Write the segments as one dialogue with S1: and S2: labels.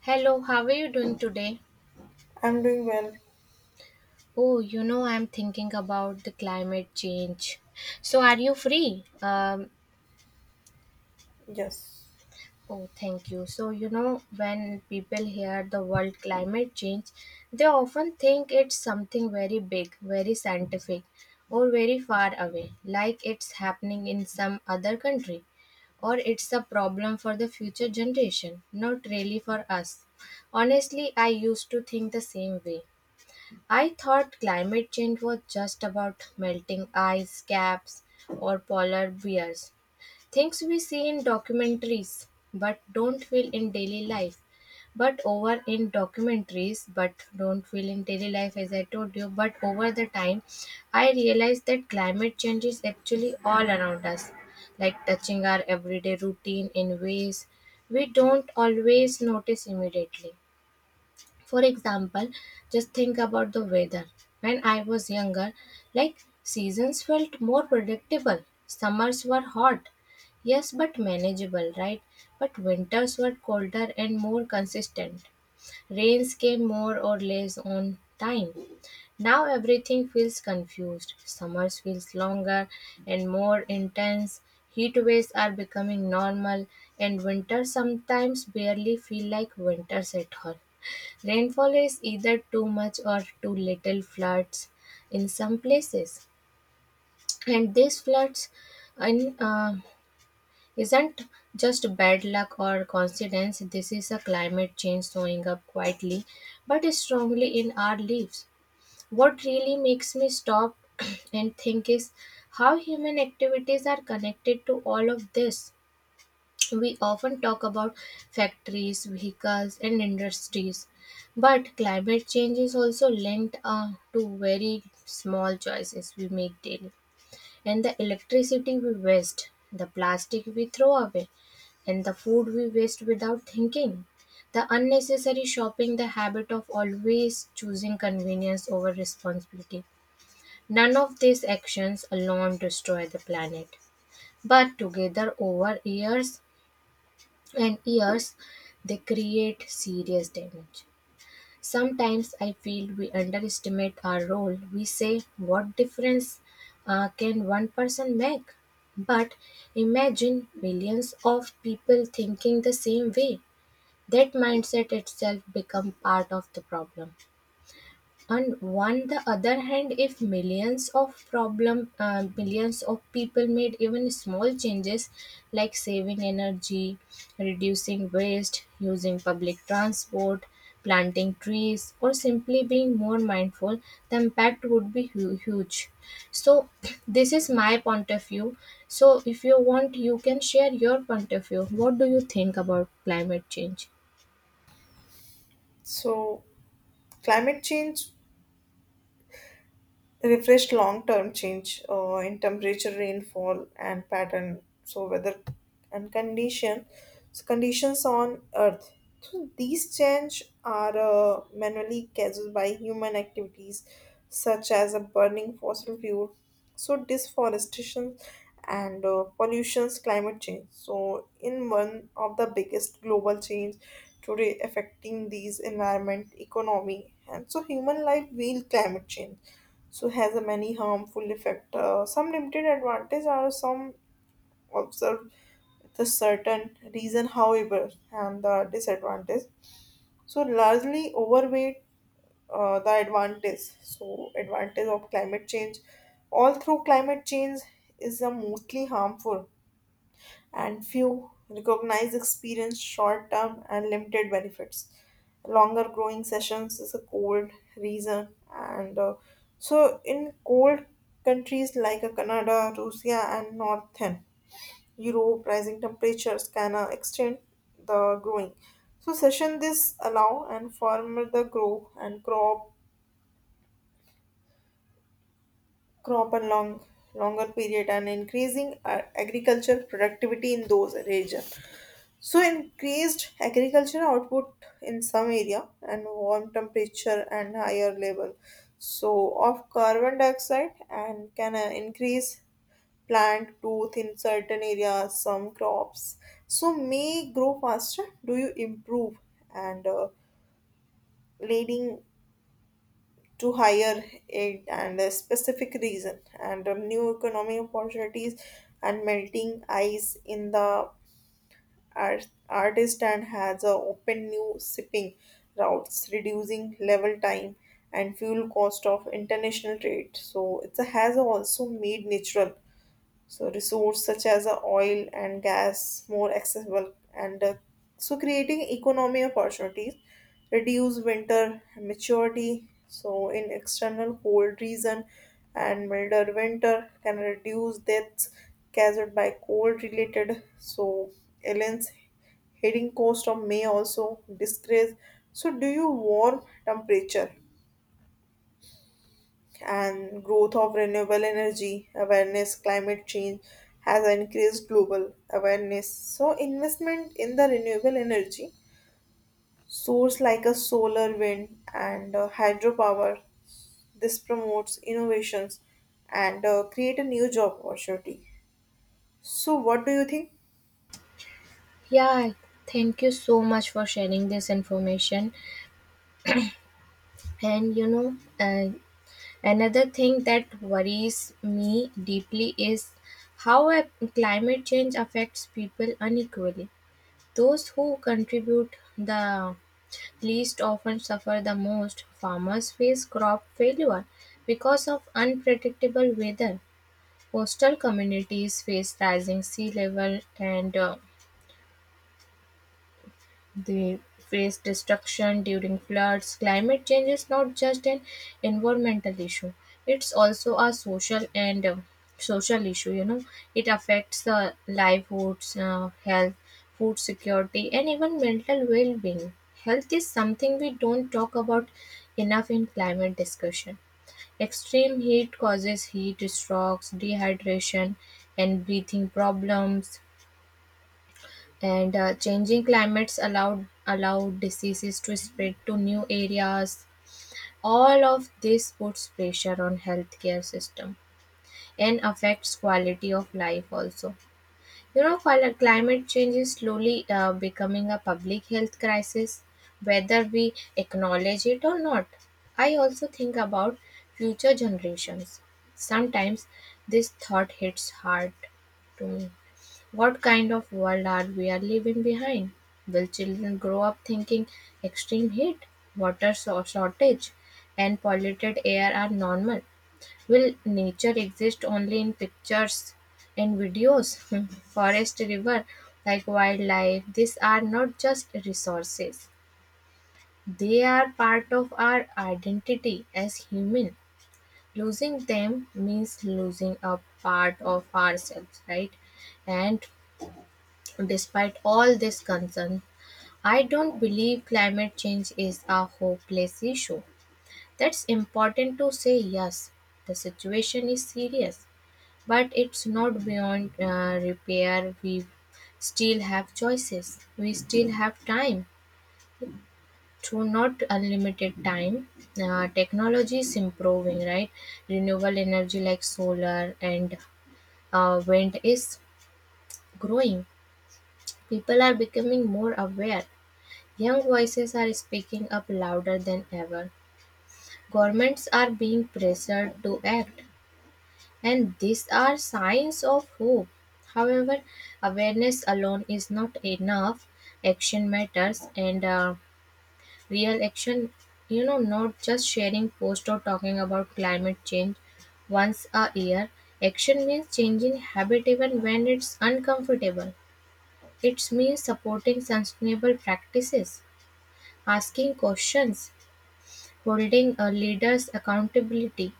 S1: Hello, how are you doing today?
S2: I'm doing well,
S1: Oh, you know, I'm thinking about the climate change. So, are you free?
S2: yes.
S1: Oh, thank you. So, you know, when people hear the word climate change, they often think it's something very big, very scientific, or very far away, like it's happening in some other country or it's a problem for the future generation, not really for us. Honestly, I used to think the same way. I thought climate change was just about melting ice caps or polar bears, things we see in documentaries but don't feel in daily life. But over in documentaries, but don't feel in daily life, as I told you. But over the time, I realized that climate change is actually all around us, like touching our everyday routine in ways we don't always notice immediately. For example, just think about the weather. When I was younger, like seasons felt more predictable. Summers were hot, yes, but manageable, right? But winters were colder and more consistent. Rains came more or less on time. Now everything feels confused. Summers feels longer and more intense. Heat waves are becoming normal and winters sometimes barely feel like winters at all. Rainfall is either too much or too little floods in some places. And these floods in, isn't just bad luck or coincidence. This is a climate change showing up quietly but strongly in our lives. What really makes me stop and think is how human activities are connected to all of this. We often talk about factories, vehicles, and industries, but climate change is also linked to very small choices we make daily. And the electricity we waste, the plastic we throw away, and the food we waste without thinking. The unnecessary shopping, the habit of always choosing convenience over responsibility. None of these actions alone destroy the planet, but together over years and years, they create serious damage. Sometimes I feel we underestimate our role. We say, what difference can one person make? But imagine millions of people thinking the same way. That mindset itself becomes part of the problem. On one the other hand, if millions of people made even small changes like saving energy, reducing waste, using public transport, planting trees, or simply being more mindful, the impact would be huge. So this is my point of view. So if you want, you can share your point of view. What do you think about climate change?
S2: So, climate change refreshed long-term change in temperature, rainfall, and pattern. So weather and condition, so conditions on Earth. So these change are manually caused by human activities such as a burning fossil fuel, so deforestation and pollutions, climate change. So in one of the biggest global change today affecting these environment, economy, and so human life will climate change so has a many harmful effect. Some limited advantage are some observed the certain reason, however, and the disadvantage. So largely overweight the advantage. So advantage of climate change, all through climate change is the mostly harmful and few recognize experience short term and limited benefits. Longer growing sessions is a cold reason, and so in cold countries like Canada, Russia, and Northern Europe, rising temperatures can extend the growing. So session this allow and farmer the grow and crop and longer period and increasing agriculture productivity in those region. So increased agricultural output in some area and warm temperature and higher level so of carbon dioxide and can increase plant growth in certain areas some crops so may grow faster do you improve and leading to higher aid and a specific reason and new economic opportunities and melting ice in the artist and has opened new shipping routes, reducing level time and fuel cost of international trade. So it has also made natural so resources such as oil and gas more accessible and so creating economy opportunities reduce winter maturity so in external cold region and milder winter can reduce deaths caused by cold related so aliens heading coast of may also disgrace so do you warm temperature and growth of renewable energy awareness climate change has increased global awareness so investment in the renewable energy source like a solar wind and hydropower this promotes innovations and create a new job opportunity so what do you think?
S1: Yeah, thank you so much for sharing this information. And you know, another thing that worries me deeply is how a climate change affects people unequally. Those who contribute the least often suffer the most. Farmers face crop failure because of unpredictable weather. Coastal communities face rising sea level and They face destruction during floods. Climate change is not just an environmental issue; it's also a social issue. You know, it affects the livelihoods, health, food security, and even mental well-being. Health is something we don't talk about enough in climate discussion. Extreme heat causes heat strokes, dehydration, and breathing problems and changing climates allowed diseases to spread to new areas. All of this puts pressure on healthcare system and affects quality of life also. You know, climate change is slowly becoming a public health crisis whether we acknowledge it or not. I also think about future generations. Sometimes this thought hits hard to me. What kind of world are we are leaving behind? Will children grow up thinking extreme heat, water shortage, and polluted air are normal? Will nature exist only in pictures and videos? Forest, river, like wildlife, these are not just resources. They are part of our identity as human. Losing them means losing a part of ourselves, right? And despite all this concern, I don't believe climate change is a hopeless issue. That's important to say. Yes, the situation is serious, but it's not beyond repair. We still have choices, we still have time. Through not unlimited time, technology is improving, right? Renewable energy like solar and wind is growing. People are becoming more aware. Young voices are speaking up louder than ever. Governments are being pressured to act, and these are signs of hope. However, awareness alone is not enough. Action matters, and real action, you know, not just sharing posts or talking about climate change once a year. Action means changing habit even when it's uncomfortable. It means supporting sustainable practices, asking questions, holding a leaders accountability.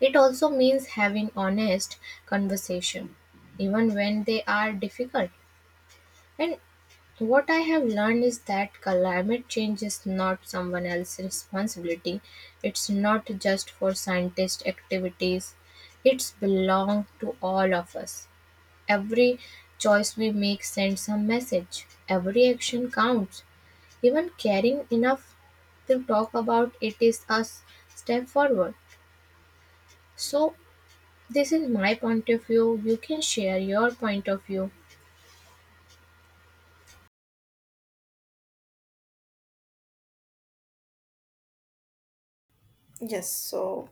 S1: It also means having honest conversation, even when they are difficult. And what I have learned is that climate change is not someone else's responsibility. It's not just for scientist activities. It's belong to all of us. Every choice we make sends a message. Every action counts. Even caring enough to talk about it is a step forward. So, this is my point of view. You can share your point of view.
S2: Yes, so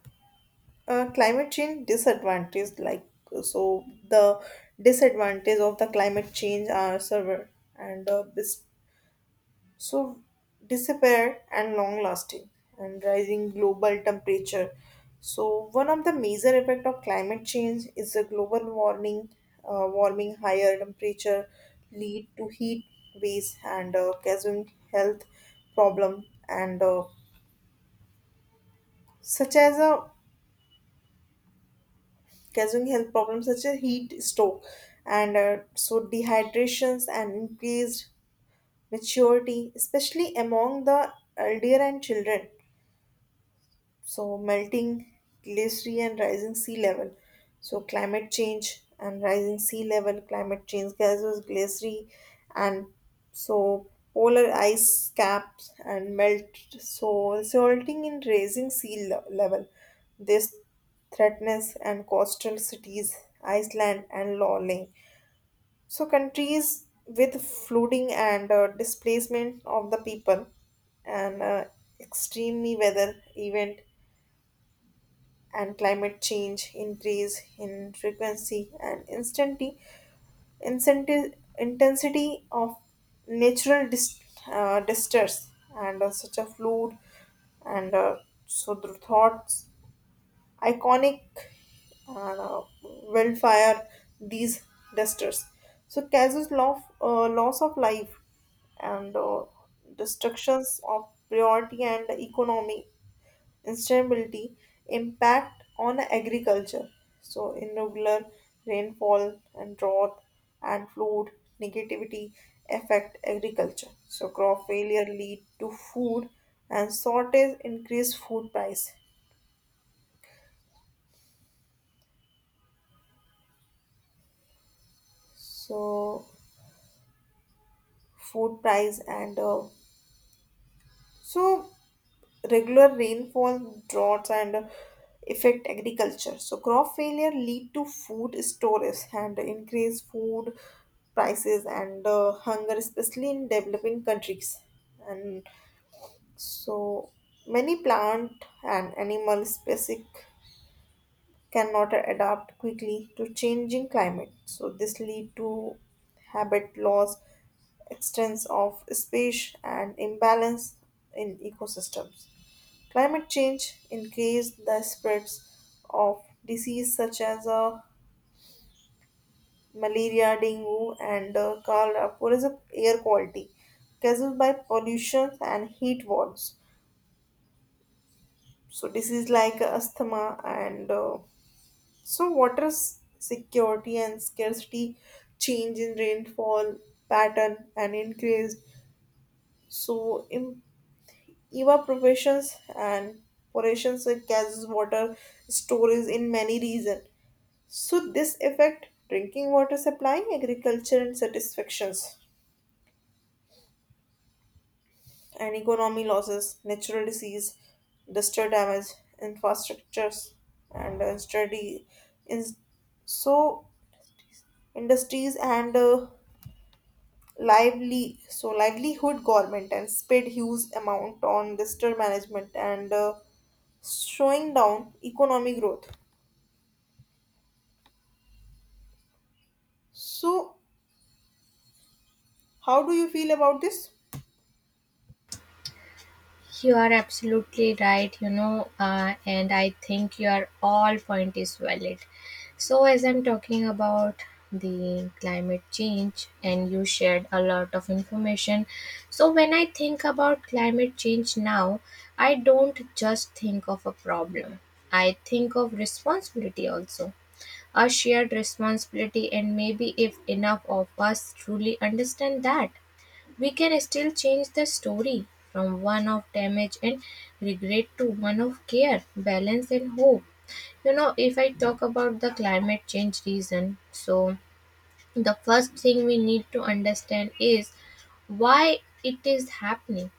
S2: climate change disadvantage like so the disadvantage of the climate change are severe and this so disappear and long lasting and rising global temperature so one of the major effect of climate change is the global warming warming higher temperature lead to heat waves and causing health problem and such as a causing health problems such as heat stroke and so dehydrations and increased maturity especially among the elder and children so melting glacier and rising sea level so climate change and rising sea level climate change gases glacier and so polar ice caps and melt so resulting in rising sea level. This threatens and coastal cities iceland and lolling so countries with flooding and displacement of the people and extremely weather event and climate change increase in frequency and instantly incentive, intensity of natural disasters and such a flood and so the thoughts iconic wildfire these disasters so causes loss of life and destructions of priority and economy Instability impact on agriculture. So irregular rainfall and drought and flood negativity affect agriculture. So crop failure lead to food and shortage increase food price. So food price and so regular rainfall, droughts, and affect agriculture. So crop failure lead to food storage and increase food prices and hunger, especially in developing countries. And so many plant and animal species cannot adapt quickly to changing climate. So this lead to habit loss, extents of space, and imbalance in ecosystems. Climate change increased the spreads of disease such as malaria, dengue, and cholera. Poor is a air quality caused by pollution and heat waves. So disease like asthma and so water security and scarcity, change in rainfall pattern and increased so in evaporations and porations it causes water storage in many regions. So this affect drinking water supply, agriculture and satisfactions, and economy losses, natural disease, disaster damage, infrastructures, and study in so industries and lively so livelihood government and spent huge amount on disaster management and slowing down economic growth. So how do you feel about this?
S1: You are absolutely right, you know, and I think your all point is valid. So as I'm talking about the climate change and you shared a lot of information. So when I think about climate change now, I don't just think of a problem. I think of responsibility also. A shared responsibility, and maybe if enough of us truly understand that, we can still change the story from one of damage and regret to one of care, balance, and hope. You know, if I talk about the climate change reason, so the first thing we need to understand is why it is happening.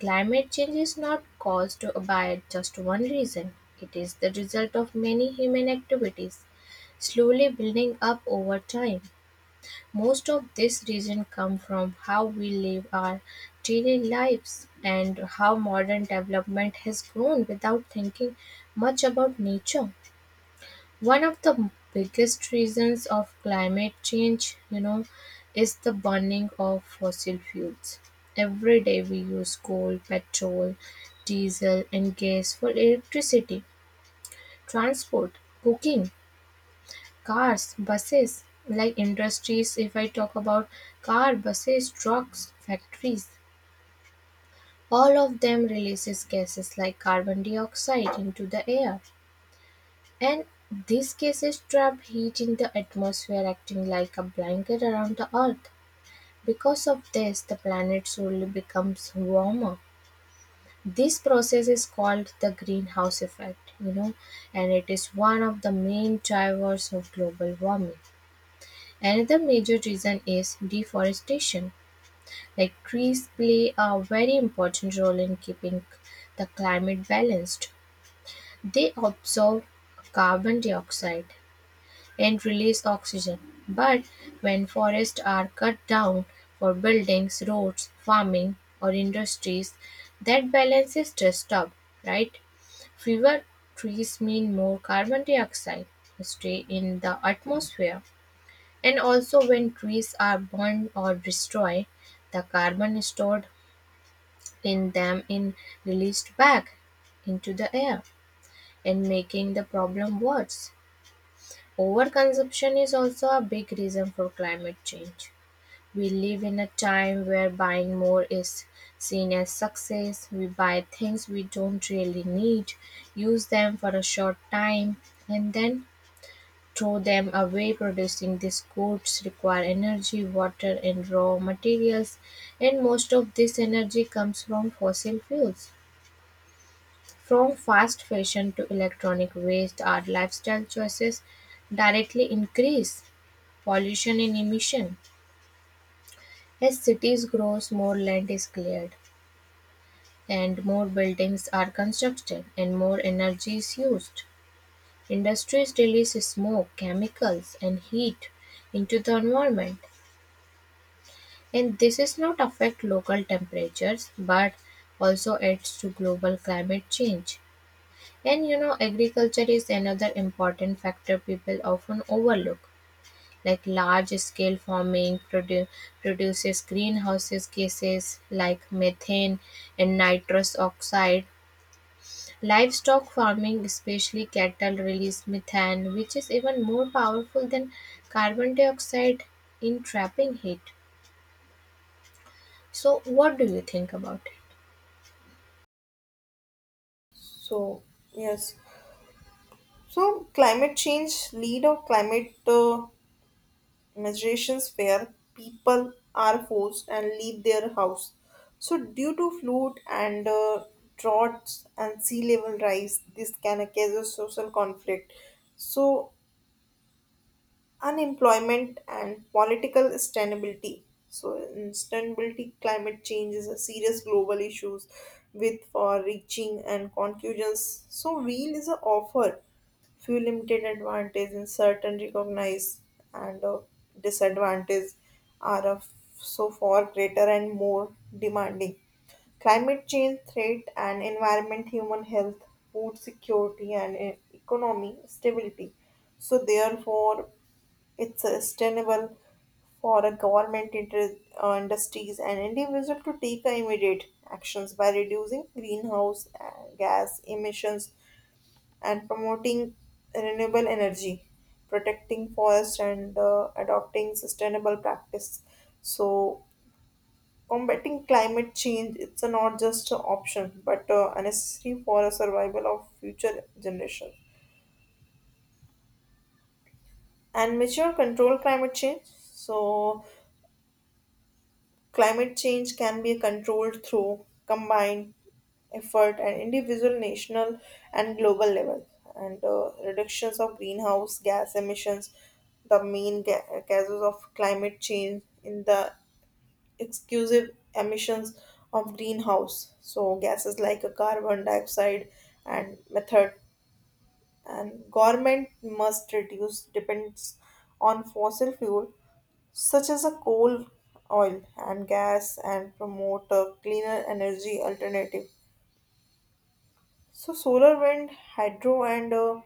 S1: Climate change is not caused by just one reason, it is the result of many human activities slowly building up over time. Most of this reason come from how we live our daily lives and how modern development has grown without thinking much about nature. One of the biggest reasons of climate change, you know, is the burning of fossil fuels. Every day we use coal, petrol, diesel, and gas for electricity, transport, cooking, cars, buses, like industries. If I talk about car, buses, trucks, factories, all of them releases gases like carbon dioxide into the air. And these gases trap heat in the atmosphere, acting like a blanket around the earth. Because of this, the planet slowly becomes warmer. This process is called the greenhouse effect, you know, and it is one of the main drivers of global warming. Another major reason is deforestation, like trees play a very important role in keeping the climate balanced. They absorb carbon dioxide and release oxygen. But when forests are cut down for buildings, roads, farming, or industries, that balance is disturbed, right? Fewer trees mean more carbon dioxide stay in the atmosphere. And also when trees are burned or destroyed, the carbon stored in them is released back into the air and making the problem worse. Overconsumption is also a big reason for climate change. We live in a time where buying more is seen as success. We buy things we don't really need, use them for a short time, and then throw them away. Producing these goods require energy, water, and raw materials, and most of this energy comes from fossil fuels. From fast fashion to electronic waste, our lifestyle choices directly increase pollution and emission. As cities grow, more land is cleared, and more buildings are constructed, and more energy is used. Industries release smoke, chemicals, and heat into the environment. And this is not affect local temperatures but also adds to global climate change. And you know, agriculture is another important factor people often overlook. Like large scale farming produces greenhouses gases like methane and nitrous oxide. Livestock farming, especially cattle, release methane, which is even more powerful than carbon dioxide in trapping heat. So, what do you think about it?
S2: So yes. So, climate change lead or climate migrations where people are forced and leave their house. So, due to flood and droughts and sea level rise, this can cause a social conflict. So, unemployment and political instability. So, instability, climate change is a serious global issues with for reaching and conclusions. So, wheel is a offer few limited advantage in certain recognized and disadvantage are of so far greater and more demanding. Climate change threat and environment, human health, food security, and economy stability. So, therefore, it's sustainable for a government, industries, and individual to take immediate actions by reducing greenhouse gas emissions and promoting renewable energy, protecting forests, and adopting sustainable practice. So, combating climate change it's a not just an option but a necessary for a survival of future generations and mature control climate change so climate change can be controlled through combined effort at individual, national, and global level. And reductions of greenhouse gas emissions, the main causes of climate change, in the exclusive emissions of greenhouse. So gases like a carbon dioxide and method. And government must reduce depends on fossil fuel such as a coal, oil, and gas, and promote a cleaner energy alternative. So, solar, wind, hydro, and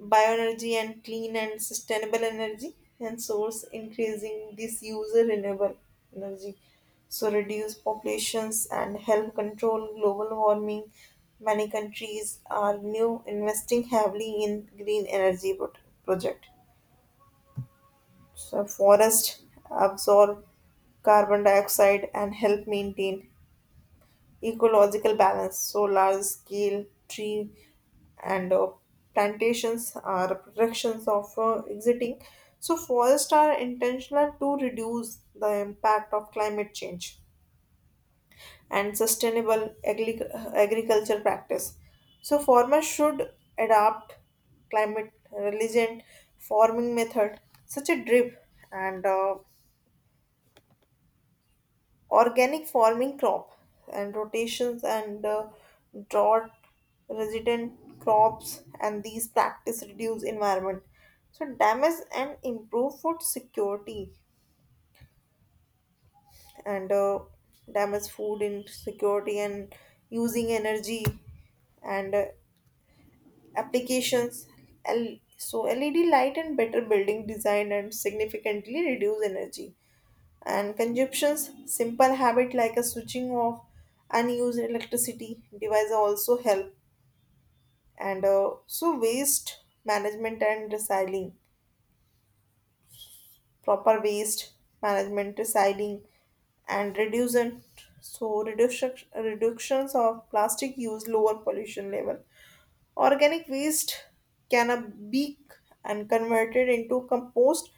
S2: bioenergy, and clean and sustainable energy, and source increasing this user renewable energy. So, reduce populations and help control global warming. Many countries are new investing heavily in green energy project. So forests absorb carbon dioxide and help maintain ecological balance. So large scale tree and plantations are protections of exiting. So forests are intentional to reduce the impact of climate change and sustainable agriculture practice. So farmers should adopt climate resilient farming method such a drip and organic farming crop and rotations and drought resident crops and these practice reduce environment so damage and improve food security and damage food insecurity and using energy and applications so led light and better building design and significantly reduce energy. And consumption's simple habit like a switching off unused electricity device also help. And so waste management and recycling, proper waste management, recycling, and reducing. So reductions of plastic use lower pollution level. Organic waste can be and converted into compost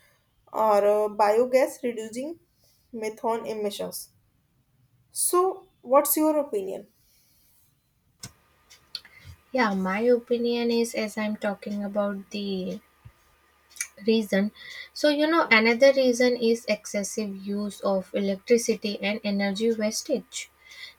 S2: or biogas, reducing methane emissions. So, what's your opinion?
S1: Yeah, my opinion is as I'm talking about the reason. So, you know, another reason is excessive use of electricity and energy wastage.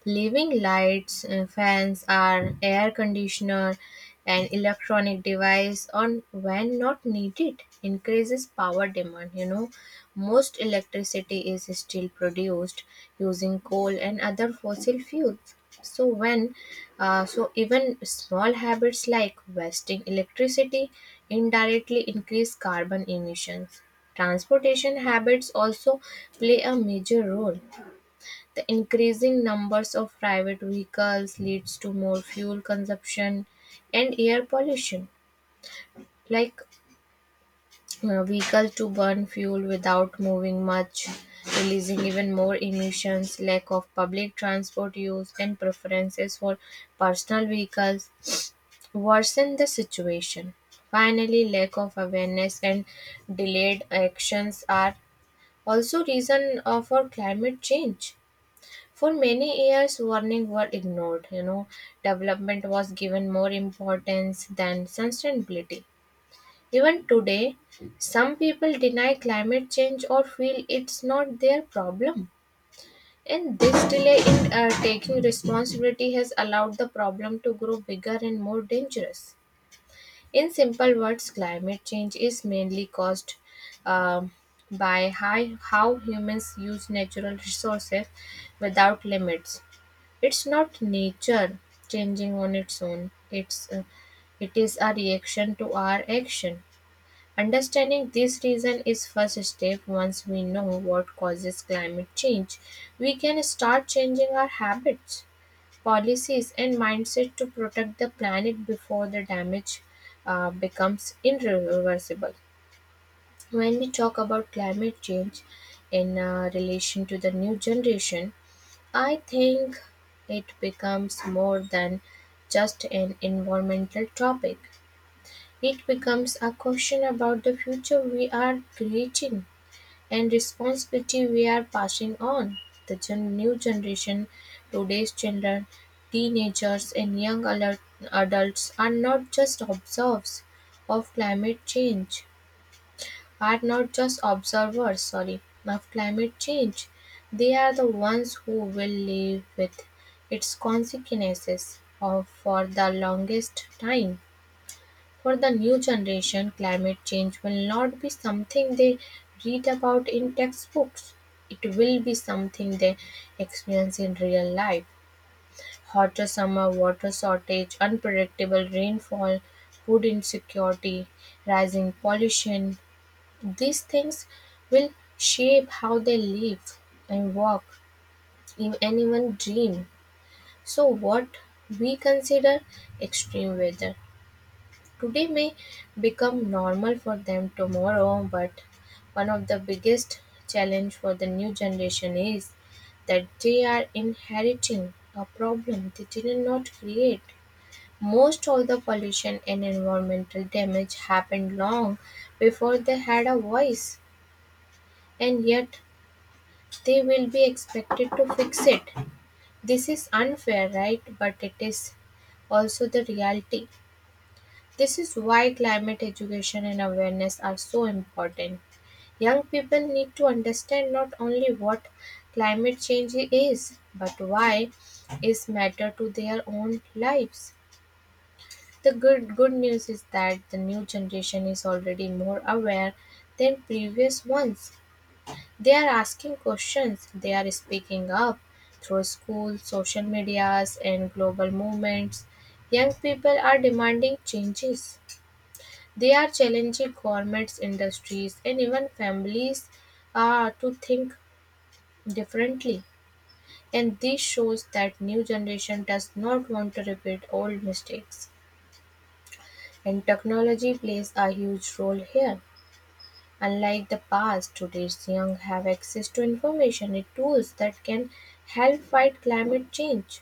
S1: Living lights, fans, are air conditioner, and electronic device on when not needed increases power demand. You know, most electricity is still produced using coal and other fossil fuels. So so even small habits like wasting electricity indirectly increase carbon emissions. Transportation habits also play a major role. The increasing numbers of private vehicles leads to more fuel consumption and air pollution. Like vehicle to burn fuel without moving much, releasing even more emissions, lack of public transport use and preferences for personal vehicles worsen the situation. Finally, lack of awareness and delayed actions are also reason for climate change. For many years, warnings were ignored. You know, development was given more importance than sustainability. Even today, some people deny climate change or feel it's not their problem. And this delay in taking responsibility has allowed the problem to grow bigger and more dangerous. In simple words, climate change is mainly caused um, by high, how humans use natural resources without limits. It's not nature changing on its own. It is a reaction to our action. Understanding this reason is first step. Once we know what causes climate change, we can start changing our habits, policies, and mindset to protect the planet before the damage becomes irreversible. When we talk about climate change in relation to the new generation, I think it becomes more than just an environmental topic. It becomes a question about the future we are creating and responsibility we are passing on. The new generation, today's children, teenagers, and young adults are not just observers of climate change are not just observers sorry of climate change, they are the ones who will live with its consequences of, for the longest time. For the new generation, climate change will not be something they read about in textbooks. It will be something they experience in real life. Hotter summer, water shortage, unpredictable rainfall, food insecurity, rising pollution, these things will shape how they live and walk in anyone dream. So what we consider extreme weather today may become normal for them tomorrow, but one of the biggest challenge for the new generation is that they are inheriting a problem they did not create. Most of the pollution and environmental damage happened long before they had a voice, and yet they will be expected to fix it. This is unfair, right? But it is also the reality. This is why climate education and awareness are so important. Young people need to understand not only what climate change is, but why it matter to their own lives. The good news is that the new generation is already more aware than previous ones. They are asking questions, they are speaking up through school, social medias, and global movements. Young people are demanding changes. They are challenging governments, industries, and even families to think differently. And this shows that new generation does not want to repeat old mistakes. And technology plays a huge role here. Unlike the past, today's young have access to information and tools that can help fight climate change.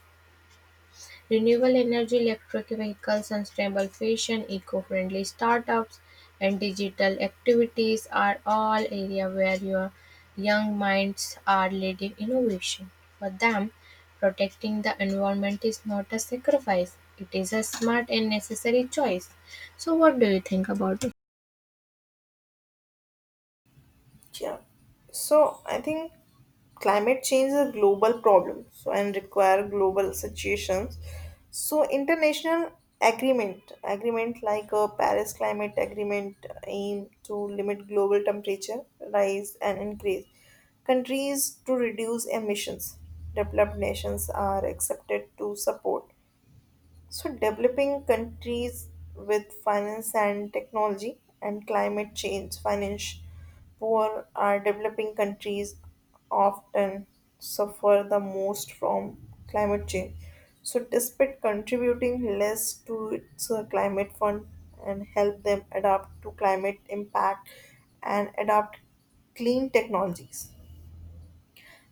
S1: Renewable energy, electric vehicles, sustainable fashion, eco-friendly startups, and digital activities are all areas where your young minds are leading innovation. For them, protecting the environment is not a sacrifice; it is a smart and necessary choice. So, what do you think about it?
S2: Yeah. So, I think climate change is a global problem so and require global situations. So, international agreement like a Paris Climate Agreement aim to limit global temperature rise and increase. Countries to reduce emissions. Developed nations are accepted to support so, developing countries with finance and technology and climate change, finance poor are developing countries often suffer the most from climate change. So, despite contributing less to its climate fund and help them adapt to climate impact and adopt clean technologies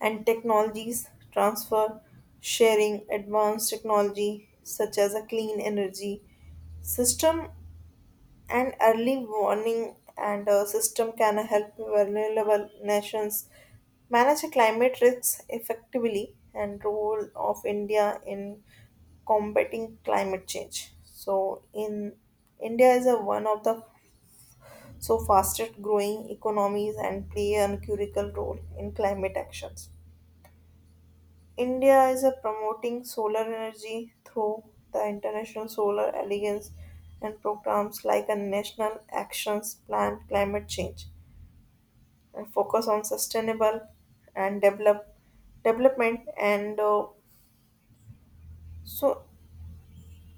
S2: and technologies transfer, sharing advanced technology such as a clean energy system and early warning and a system can help vulnerable nations manage climate risks effectively and role of India in combating climate change. So in India is a one of the so fastest growing economies and play a critical role in climate actions. India is a promoting solar energy through the International Solar Alliance and programs like a National Actions Plan Climate Change and focus on sustainable and develop development and so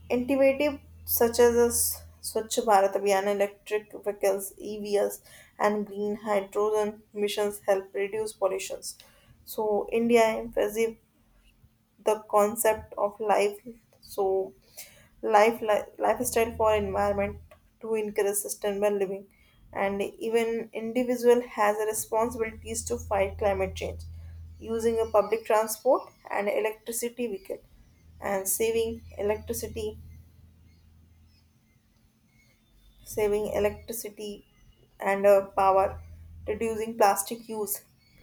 S2: innovative such as this Swachh Bharat Abhiyan, electric vehicles, EVs, and green hydrogen missions help reduce pollutions. So India emphasis the concept of life so life lifestyle for environment to encourage sustainable living and even individual has a responsibilities to fight climate change using a public transport and electricity vehicle and saving electricity and power, reducing plastic use,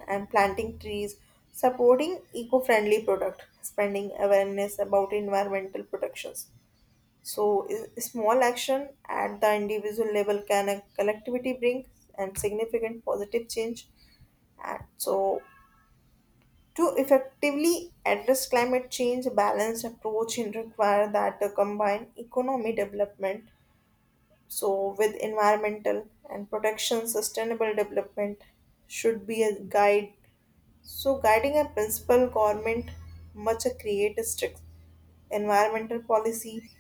S2: and planting trees, supporting eco-friendly product, spreading awareness about environmental protections. So, small action at the individual level can a collectivity bring and significant positive change. And so, to effectively address climate change, a balanced approach will require that the combine economy development so, with environmental and protection, sustainable development should be a guide. So, guiding a principal government must create a strict environmental policy.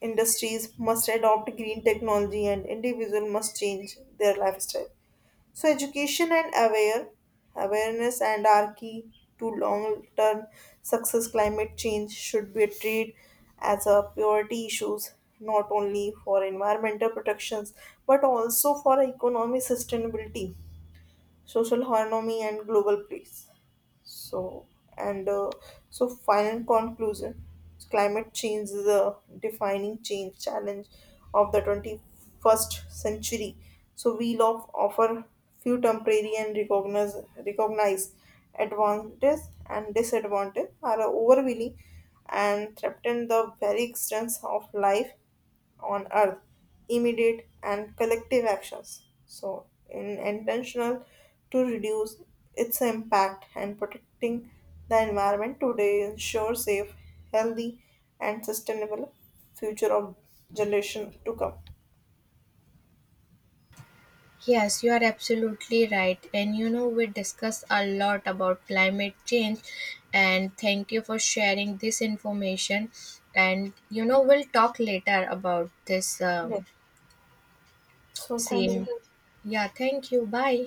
S2: Industries must adopt green technology, and individuals must change their lifestyle. So education and awareness and are key to long term success. Climate change should be treated as a priority issues not only for environmental protections but also for economic sustainability, social harmony and global peace. So, and so final conclusion climate change is a defining change challenge of the 21st century. So, we love offer few temporary and recognize advantages and disadvantages are overwhelming and threaten the very existence of life on earth, immediate and collective actions. So, in intentional to reduce its impact and protecting the environment today ensure safe, healthy, and sustainable future of generation to come.
S1: Yes, you are absolutely right. And you know, we discussed a lot about climate change, and thank you for sharing this information. And you know, we'll talk later about this
S2: Yeah.
S1: um,
S2: So, thank
S1: Same.
S2: you.
S1: Yeah, thank you. Bye.